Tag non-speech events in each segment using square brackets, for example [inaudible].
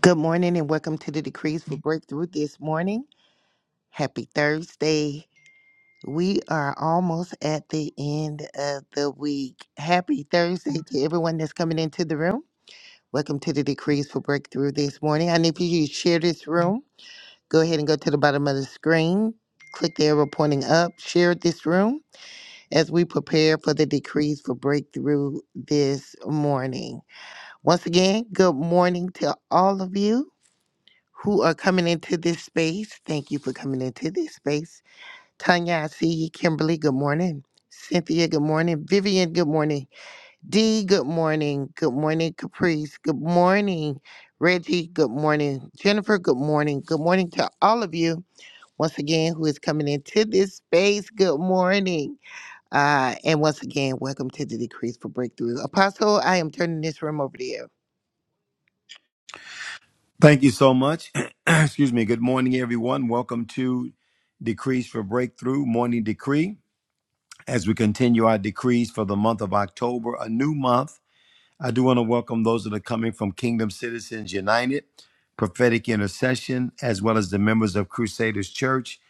Good morning and welcome to the Decrees for Breakthrough this morning. Happy Thursday. We are almost at the end of the week. Happy Thursday to everyone that's coming into the room. Welcome to the Decrees for Breakthrough this morning. And if you to share this room, go ahead and go to the bottom of the screen, click the arrow pointing up, share this room as we prepare for the Decrees for Breakthrough this morning. Once again, good morning to all of you. who are coming into this space. Thank you for coming into this space. Tanya, I see you. Kimberly, good morning. Cynthia, good morning. Vivian, good morning. Dee, good morning. Good morning, Caprice. Good morning, Reggie. Good morning, Jennifer. Good morning. Good morning to all of you. Once again, who is coming into this space? Good morning. Uh, and once again, welcome to the Decrease for Breakthrough. Apostle, I am turning this room over to you. Thank you so much. [clears throat] Excuse me. Good morning, everyone. Welcome to Decrees for Breakthrough Morning Decree. As we continue our decrees for the month of October, a new month, I do want to welcome those that are coming from Kingdom Citizens United, Prophetic Intercession, as well as the members of Crusaders Church,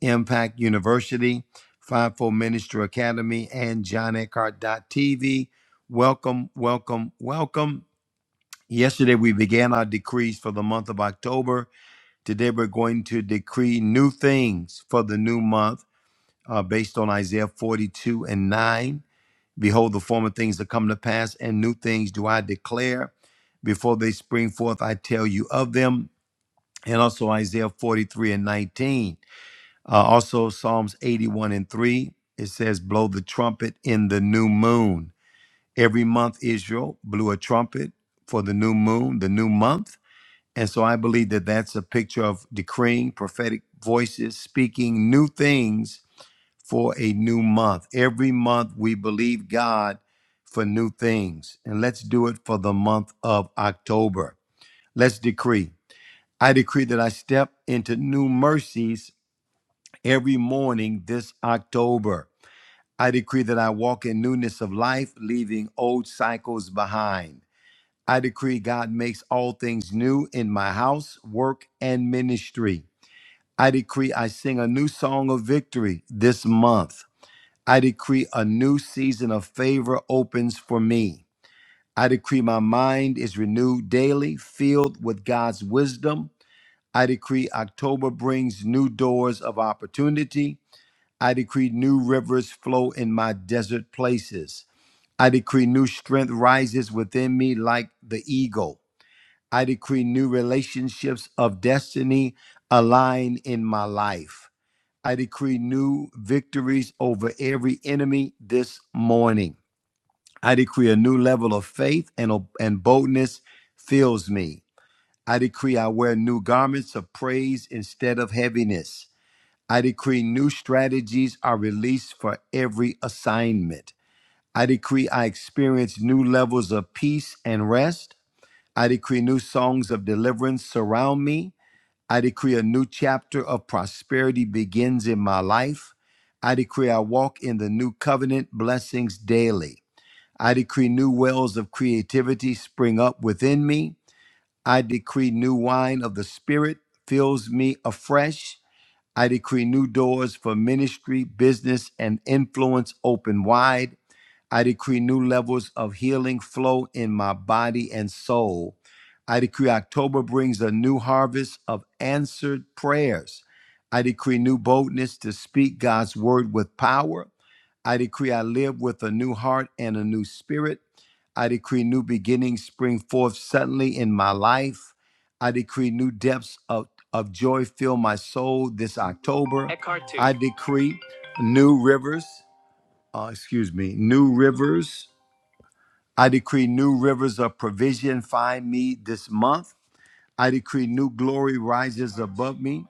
Impact University, Fivefold Ministry Academy, and John Eckhart TV. Welcome, welcome, welcome. Yesterday, we began our decrees for the month of October Today we're going to decree new things for the new month uh, based on Isaiah 42 and 9. Behold, the former things that come to pass, and new things do I declare. Before they spring forth, I tell you of them. And also Isaiah 43 and 19. Uh, also Psalms 81 and 3. It says, Blow the trumpet in the new moon. Every month, Israel blew a trumpet for the new moon, the new month. And so I believe that that's a picture of decreeing prophetic voices, speaking new things for a new month. Every month we believe God for new things. And let's do it for the month of October. Let's decree. I decree that I step into new mercies every morning this October. I decree that I walk in newness of life, leaving old cycles behind. I decree God makes all things new in my house, work, and ministry. I decree I sing a new song of victory this month. I decree a new season of favor opens for me. I decree my mind is renewed daily, filled with God's wisdom. I decree October brings new doors of opportunity. I decree new rivers flow in my desert places. I decree new strength rises within me like the eagle. I decree new relationships of destiny align in my life. I decree new victories over every enemy this morning. I decree a new level of faith and, and boldness fills me. I decree I wear new garments of praise instead of heaviness. I decree new strategies are released for every assignment. I decree I experience new levels of peace and rest. I decree new songs of deliverance surround me. I decree a new chapter of prosperity begins in my life. I decree I walk in the new covenant blessings daily. I decree new wells of creativity spring up within me. I decree new wine of the Spirit fills me afresh. I decree new doors for ministry, business, and influence open wide. I decree new levels of healing flow in my body and soul. I decree October brings a new harvest of answered prayers. I decree new boldness to speak God's word with power. I decree I live with a new heart and a new spirit. I decree new beginnings spring forth suddenly in my life. I decree new depths of, of joy fill my soul this October. I decree new rivers uh, excuse me, new rivers. I decree new rivers of provision find me this month. I decree new glory rises above me.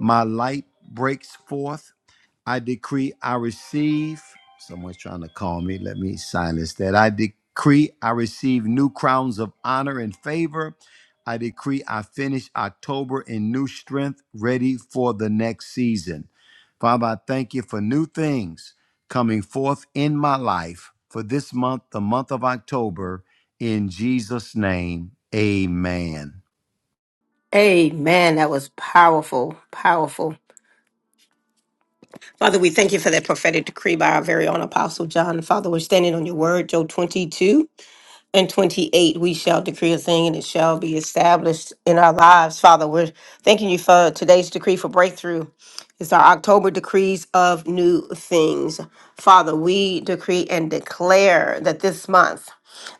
My light breaks forth I decree I receive. Someone's trying to call me. Let me silence that. I decree I receive new crowns of honor and favor. I decree I finish October in new strength, ready for the next season. Father, I thank you for new things coming forth in my life for this month, the month of October. In Jesus' name, amen. Amen. That was powerful, powerful. Father, we thank you for that prophetic decree by our very own Apostle John. Father, we're standing on your word, Joe 22 and 28. We shall decree a thing and it shall be established in our lives. Father, we're thanking you for today's decree for breakthrough. It's our October decrees of new things. Father, we decree and declare that this month,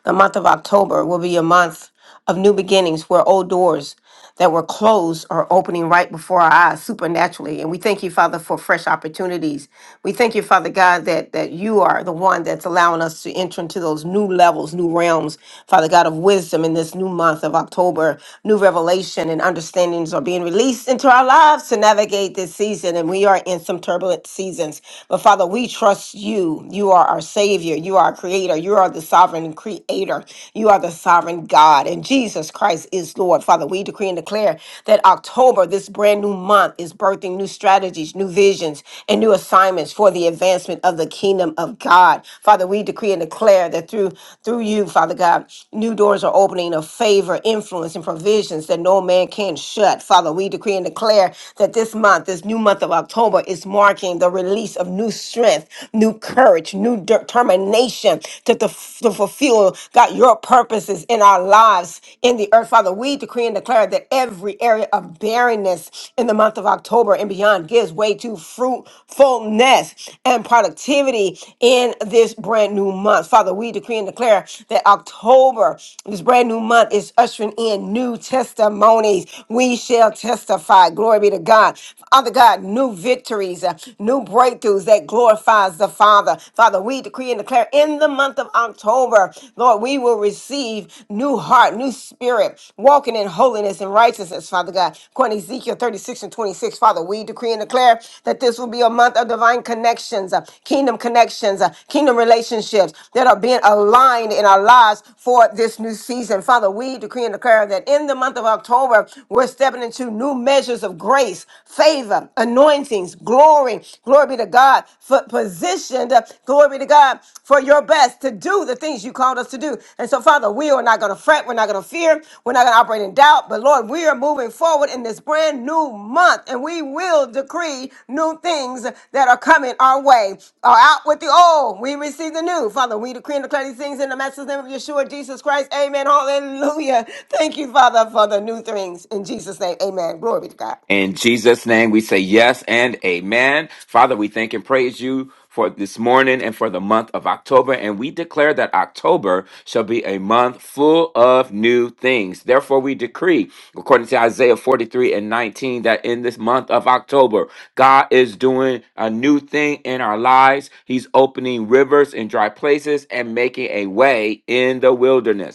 the month of October, will be a month of new beginnings where old doors that were closed are opening right before our eyes supernaturally. And we thank you, Father, for fresh opportunities. We thank you, Father God, that that you are the one that's allowing us to enter into those new levels, new realms, Father God, of wisdom in this new month of October. New revelation and understandings are being released into our lives to navigate this season. And we are in some turbulent seasons. But Father, we trust you. You are our Savior. You are our Creator. You are the sovereign creator. You are the sovereign God. God and Jesus Christ is Lord. Father, we decree and declare that October, this brand new month, is birthing new strategies, new visions, and new assignments for the advancement of the kingdom of God. Father, we decree and declare that through through you, Father God, new doors are opening of favor, influence, and provisions that no man can shut. Father, we decree and declare that this month, this new month of October, is marking the release of new strength, new courage, new determination to, to to fulfill, God, your purposes in our lives in the earth. Father, we decree and declare that every area of barrenness in the month of October and beyond gives way to fruitfulness and productivity in this brand new month. Father, we decree and declare that October, this brand new month, is ushering in new testimonies. We shall testify. Glory be to God. Father God, new victories, uh, new breakthroughs that glorifies the Father. Father. Father, we decree and declare in the month of October, Lord, we will receive new heart, new spirit, walking in holiness and righteousness, Father God. According to Ezekiel 36 and 26, Father, we decree and declare that this will be a month of divine connections, uh, kingdom connections, uh, kingdom relationships that are being aligned in our lives for this new season. Father, we decree and declare that in the month of October, we're stepping into new measures of grace, favor, anointings, glory glory. Glory be to God for positioned. uh, Glory be to God for your best to do the things you called us to do. And so, Father, we are not going to fret. We're not going to fear. We're not going to operate in doubt. But Lord, we are moving forward in this brand new month, and we will decree new things that are coming our way. Are out with the old. We receive the new. Father, we decree and declare these things in the master's name of Yeshua, Jesus Christ. Amen. Hallelujah. Thank you, Father, for the new things. In Jesus' name, amen. Glory be to God. In Jesus' name, we say yes and amen. Father, we thank and praise you for this morning and for the month of October. And we declare that October shall be a month full of new things. Therefore, we decree, according to Isaiah 43 and 19, that in this month of October, God is doing a new thing in our lives. He's opening rivers in dry places and making a way in the wilderness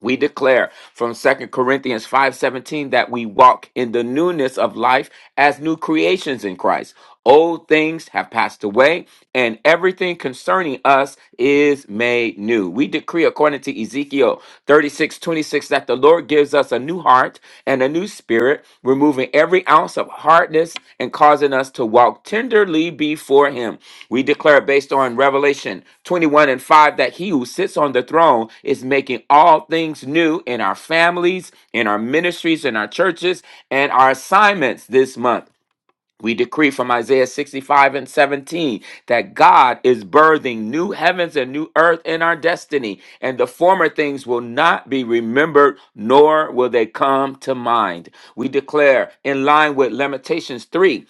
we declare from Second Corinthians 5:17 that we walk in the newness of life as new creations in Christ. Old things have passed away and everything concerning us is made new. We decree according to Ezekiel 36 26 that the Lord gives us a new heart and a new spirit, removing every ounce of hardness and causing us to walk tenderly before Him. We declare based on Revelation 21 and 5 that He who sits on the throne is making all things new in our families, in our ministries, in our churches, and our assignments this month. We decree from Isaiah 65 and 17 that God is birthing new heavens and new earth in our destiny, and the former things will not be remembered, nor will they come to mind. We declare, in line with Lamentations 3:22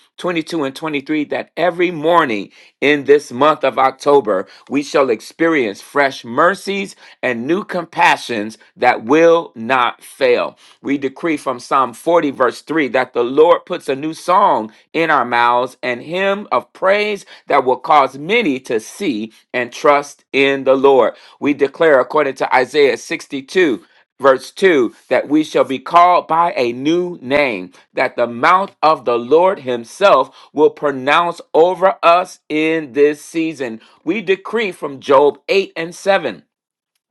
and 23, that every morning in this month of October, we shall experience fresh mercies and new compassions that will not fail. We decree from Psalm 40, verse 3, that the Lord puts a new song in our mouths and hymn of praise that will cause many to see and trust in the Lord. We declare, according to Isaiah 62, verse 2 that we shall be called by a new name that the mouth of the lord himself will pronounce over us in this season we decree from job 8 and 7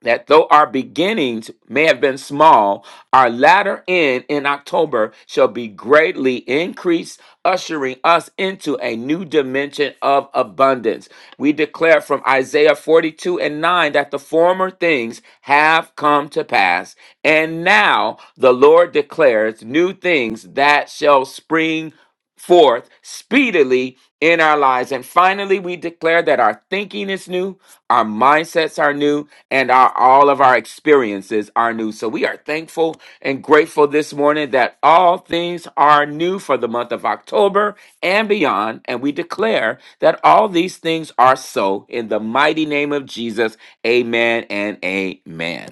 that though our beginnings may have been small, our latter end in October shall be greatly increased, ushering us into a new dimension of abundance. We declare from Isaiah 42 and 9 that the former things have come to pass, and now the Lord declares new things that shall spring forth speedily in our lives. And finally, we declare that our thinking is new, our mindsets are new, and our all of our experiences are new. So we are thankful and grateful this morning that all things are new for the month of October and beyond. And we declare that all these things are so in the mighty name of Jesus. Amen and amen.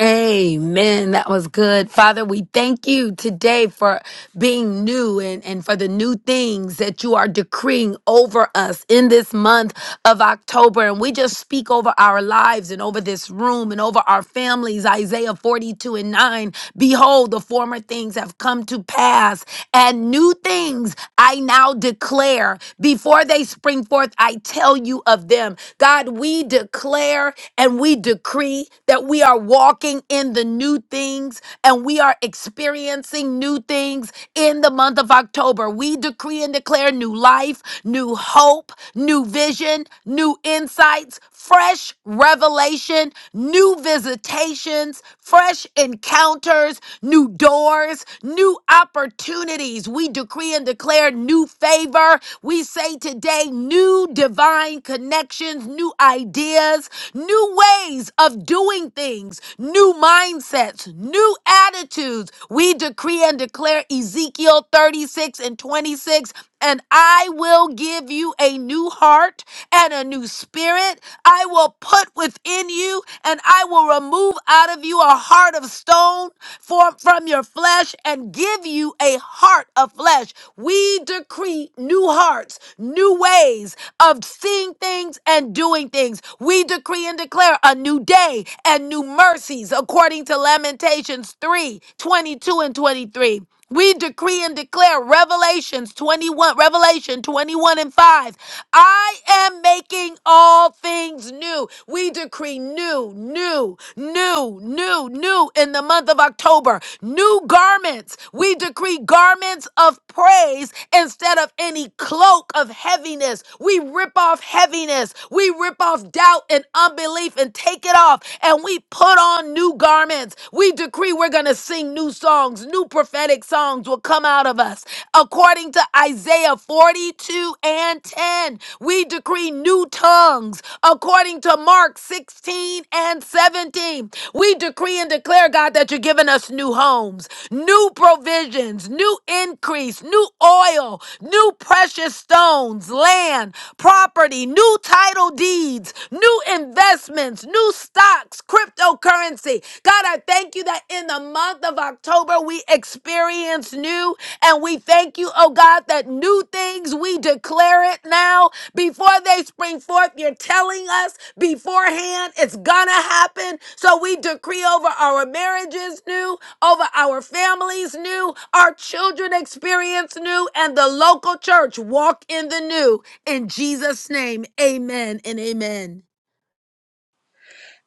Amen. That was good. Father, we thank you today for being new and, and for the new things that you are decreeing over us in this month of October. And we just speak over our lives and over this room and over our families, Isaiah 42 and 9. Behold, the former things have come to pass, and new things I now declare. Before they spring forth, I tell you of them. God, we declare and we decree that we are walking in the new things and we are experiencing new things in the month of October. We decree and declare new life, new hope, new vision, new insights, fresh revelation, new visitation visitations, fresh encounters, new doors, new opportunities. We decree and declare new favor. We say today, new divine connections, new ideas, new ways of doing things, new mindsets, new attitudes. We decree and declare Ezekiel 36 and 26. And I will give you a new heart and a new spirit. I will will put within you, and I will remove out of you a heart of stone for, from your flesh and give you a heart of flesh. We decree new hearts, new ways of seeing things and doing things. We decree and declare a new day and new mercies according to Lamentations 3 22 and 23. We decree and declare Revelations 21, Revelation 21 and 5. I am making all things new. We decree new, new, new, new, new in the month of October. New garments. We decree garments of praise instead of any cloak of heaviness. We we rip off heaviness. We rip off doubt and unbelief and take it off. And we put on new garments. We decree we're going to sing new songs. New prophetic songs will come out of us. According to Isaiah 42 and 10, we decree new tongues. According to Mark 16 and 17, name. We decree and declare, God, that you're giving us new homes, new provisions, new increase, new oil, new precious stones, land, property, new title deeds, new investments, new stocks, cryptocurrency. God, I thank you that in the month of October we experience new, and we thank you, oh God, that new things we declare it now before they spring forth. You're telling us beforehand. It's gonna happen. So we decree over our marriages new, over our families new, our children experience new, and the local church walk in the new. In Jesus' name, amen and amen.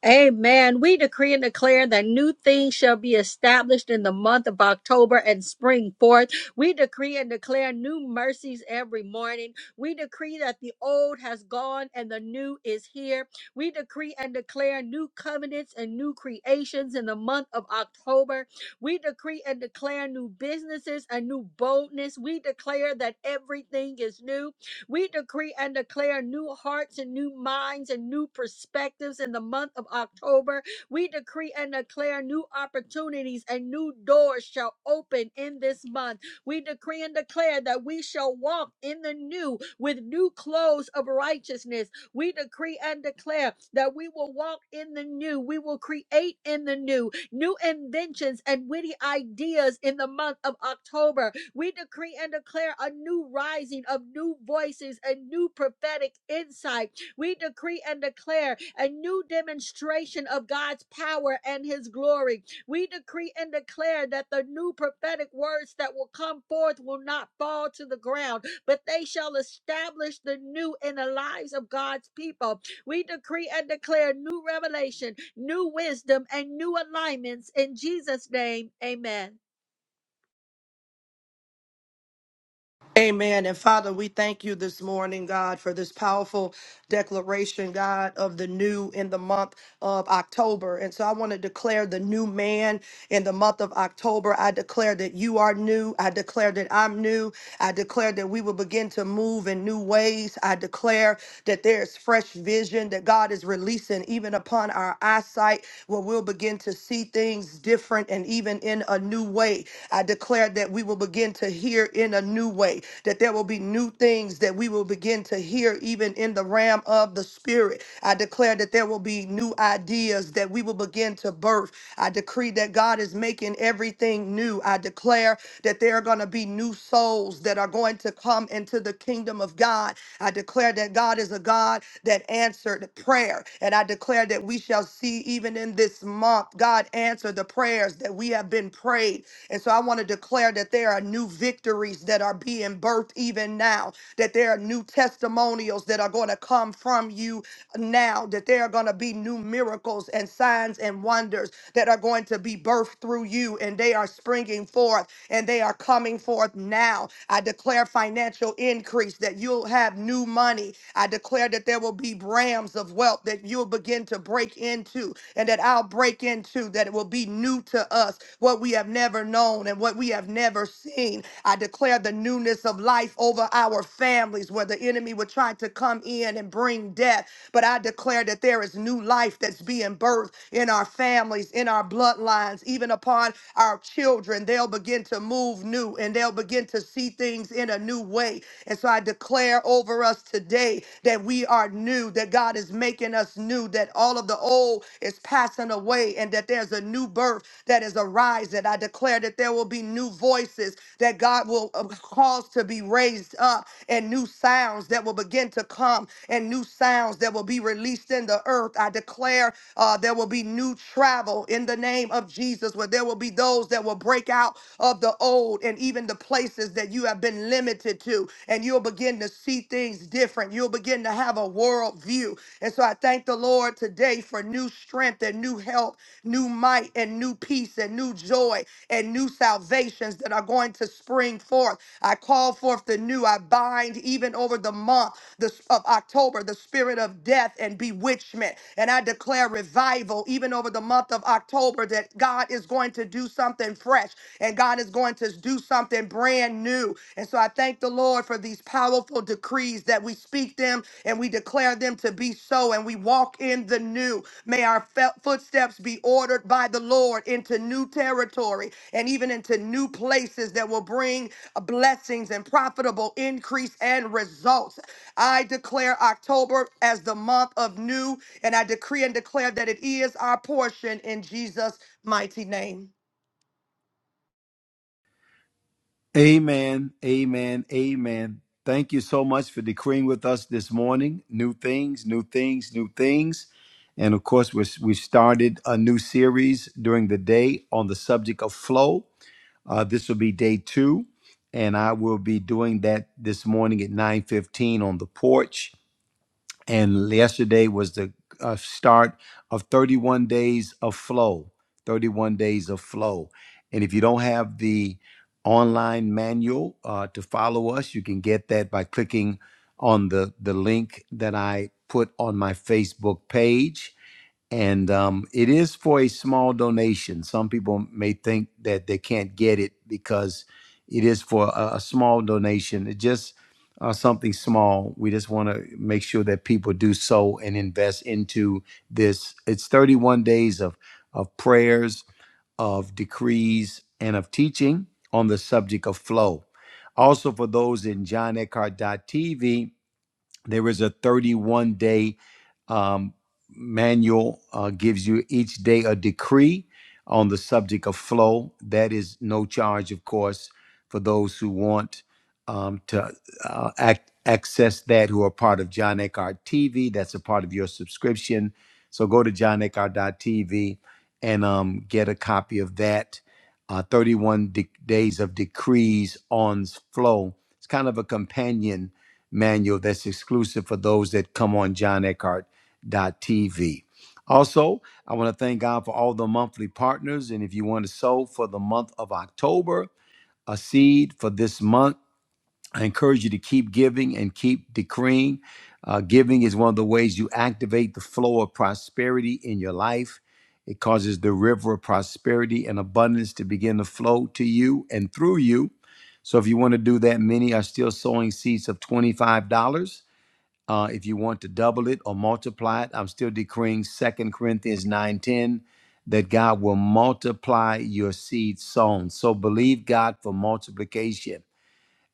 Amen. We decree and declare that new things shall be established in the month of October and spring forth. We decree and declare new mercies every morning. We decree that the old has gone and the new is here. We decree and declare new covenants and new creations in the month of October. We decree and declare new businesses and new boldness. We declare that everything is new. We decree and declare new hearts and new minds and new perspectives in the month of October. We decree and declare new opportunities and new doors shall open in this month. We decree and declare that we shall walk in the new with new clothes of righteousness. We decree and declare that we will walk in the new. We will create in the new, new inventions and witty ideas in the month of October. We decree and declare a new rising of new voices and new prophetic insight. We decree and declare a new demonstration of God's power and his glory. We decree and declare that the new prophetic words that will come forth will not fall to the ground, but they shall establish the new in the lives of God's people. We decree and declare new revelation, new wisdom, and new alignments in Jesus' name. Amen. Amen. And Father, we thank you this morning, God, for this powerful declaration, God, of the new in the month of October. And so I want to declare the new man in the month of October. I declare that you are new. I declare that I'm new. I declare that we will begin to move in new ways. I declare that there is fresh vision that God is releasing even upon our eyesight, where we'll begin to see things different and even in a new way. I declare that we will begin to hear in a new way, that there will be new things that we will begin to hear even in the realm of the spirit. I declare that there will be new ideas that we will begin to birth. I decree that God is making everything new. I declare that there are going to be new souls that are going to come into the kingdom of God. I declare that God is a God that answered prayer. And I declare that we shall see even in this month, God answer the prayers that we have been prayed. And so I want to declare that there are new victories that are being birthed even now, that there are new testimonials that are going to come from you now, that there are going to be new miracles and signs and wonders that are going to be birthed through you, and they are springing forth and they are coming forth now. I declare financial increase that you'll have new money. I declare that there will be brams of wealth that you'll begin to break into and that I'll break into, that it will be new to us, what we have never known and what we have never seen. I declare the newness of life over our families where the enemy would try to come in and bring death. But I declare that there is new life that's being birthed in our families, in our bloodlines hands, even upon our children. They'll begin to move new and they'll begin to see things in a new way. And so I declare over us today that we are new, that God is making us new, that all of the old is passing away, and that there's a new birth that is arising. I declare that there will be new voices that God will uh, cause to be raised up, and new sounds that will begin to come, and new sounds that will be released in the earth. I declare uh, God, there will be new travel in the name of Jesus, where there will be those that will break out of the old and even the places that you have been limited to. And you'll begin to see things different. You'll begin to have a world view. And so I thank the Lord today for new strength and new help, new might and new peace and new joy and new salvations that are going to spring forth. I call forth the new. I bind even over the month this of October, the spirit of death death and bewitchment. And I declare revival even over the month of October that God is going to do something fresh and God is going to do something brand new. And so I thank the Lord for these powerful decrees that we speak them and we declare them to be so and we walk in the new. May our fe- footsteps be ordered by the Lord into new territory and even into new places that will bring blessings and profitable increase and results. I declare October as the month of new, and I decree and declare that it is our portion in Jesus' mighty name. Amen. Amen. Amen. Thank you so much for decreeing with us this morning. New things, new things, new things. And of course, we we started a new series during the day on the subject of flow. Uh, this will be day two, and I will be doing that this morning at 9:15 on the porch and yesterday was the uh, start of 31 days of flow 31 days of flow and if you don't have the online manual uh, to follow us you can get that by clicking on the the link that i put on my facebook page and um, it is for a small donation. Some people may think that they can't get it because it is for a, a small donation. It just uh, something small. We just want to make sure that people do so and invest into this. It's 31 days of of prayers, of decrees, and of teaching on the subject of flow. Also, for those in John Eckhart TV. There is a 31 day um, manual, uh, gives you each day a decree on the subject of flow. That is no charge, of course, for those who want um, to uh, act, access that who are part of John Eckhart TV. That's a part of your subscription. So go to John TV and um, get a copy of that. Uh, 31 de- days of decrees on flow. It's kind of a companion manual that's exclusive for those that come on johneckhart.tv. Also, I want to thank God for all the monthly partners. And if you want to sow for the month of October, a seed for this month I encourage you to keep giving and keep decreeing. Uh, giving is one of the ways you activate the flow of prosperity in your life. It causes the river of prosperity and abundance to begin to flow to you and through you. So, if you want to do that, many are still sowing seeds of $25. Uh, if you want to double it or multiply it, I'm still decreeing Second Corinthians 9:10 that God will multiply your seed sown. So believe God for multiplication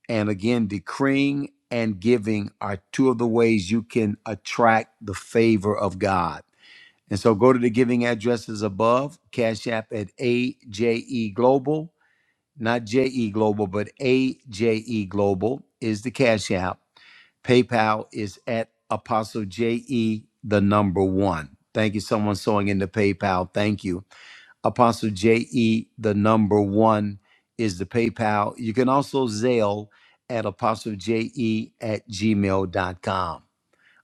and again, decreeing and giving are two of the ways you can attract the favor of God. And so go to the giving addresses above, Cash App at AJE Global, not JE Global, but AJE Global is the Cash App. PayPal is at Apostle JE, the number one. Thank you, someone sewing into PayPal. Thank you. Apostle JE, the number one is the PayPal. You can also Zelle at apostlej.e at gmail.com.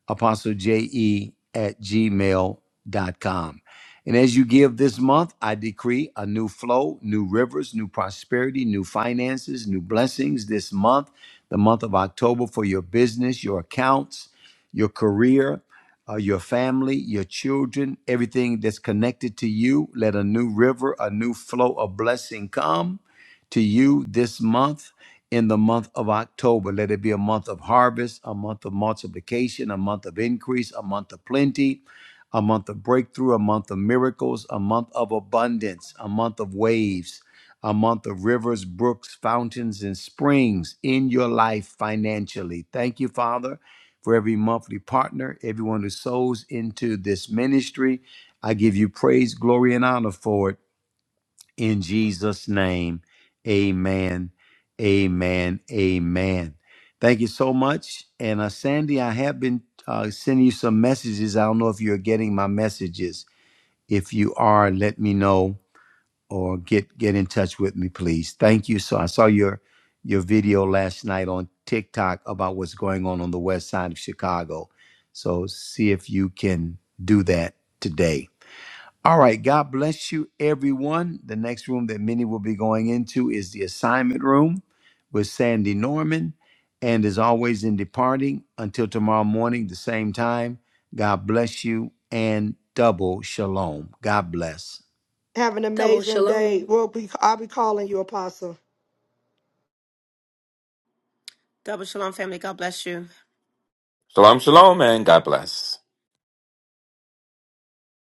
Apostle J E at gmail dot com, And as you give this month, I decree a new flow, new rivers, new prosperity, new finances, new blessings this month, the month of October for your business, your accounts, your career, uh, your family, your children, everything that's connected to you. Let a new river, a new flow of blessing come to you this month in the month of October. Let it be a month of harvest, a month of multiplication, a month of increase, a month of plenty, a month of breakthrough, a month of miracles, a month of abundance, a month of waves, a month of rivers, brooks, fountains, and springs in your life financially. Thank you, Father, for every monthly partner, everyone who sows into this ministry. I give you praise, glory, and honor for it. In Jesus' name, amen, amen, amen. Thank you so much. And uh, Sandy, I have been uh, sending you some messages. I don't know if you're getting my messages. If you are, let me know or get get in touch with me, please. Thank you. So I saw your your video last night on TikTok about what's going on on the west side of Chicago. So see if you can do that today. All right. God bless you, everyone. The next room that many will be going into is the assignment room with Sandy Norman. And as always, in departing, until tomorrow morning, the same time, God bless you and double shalom. God bless. Have an Double amazing day. shalom. We'll be, I'll be calling you, Apostle. Double shalom, family. God bless you. Shalom, shalom, and God bless.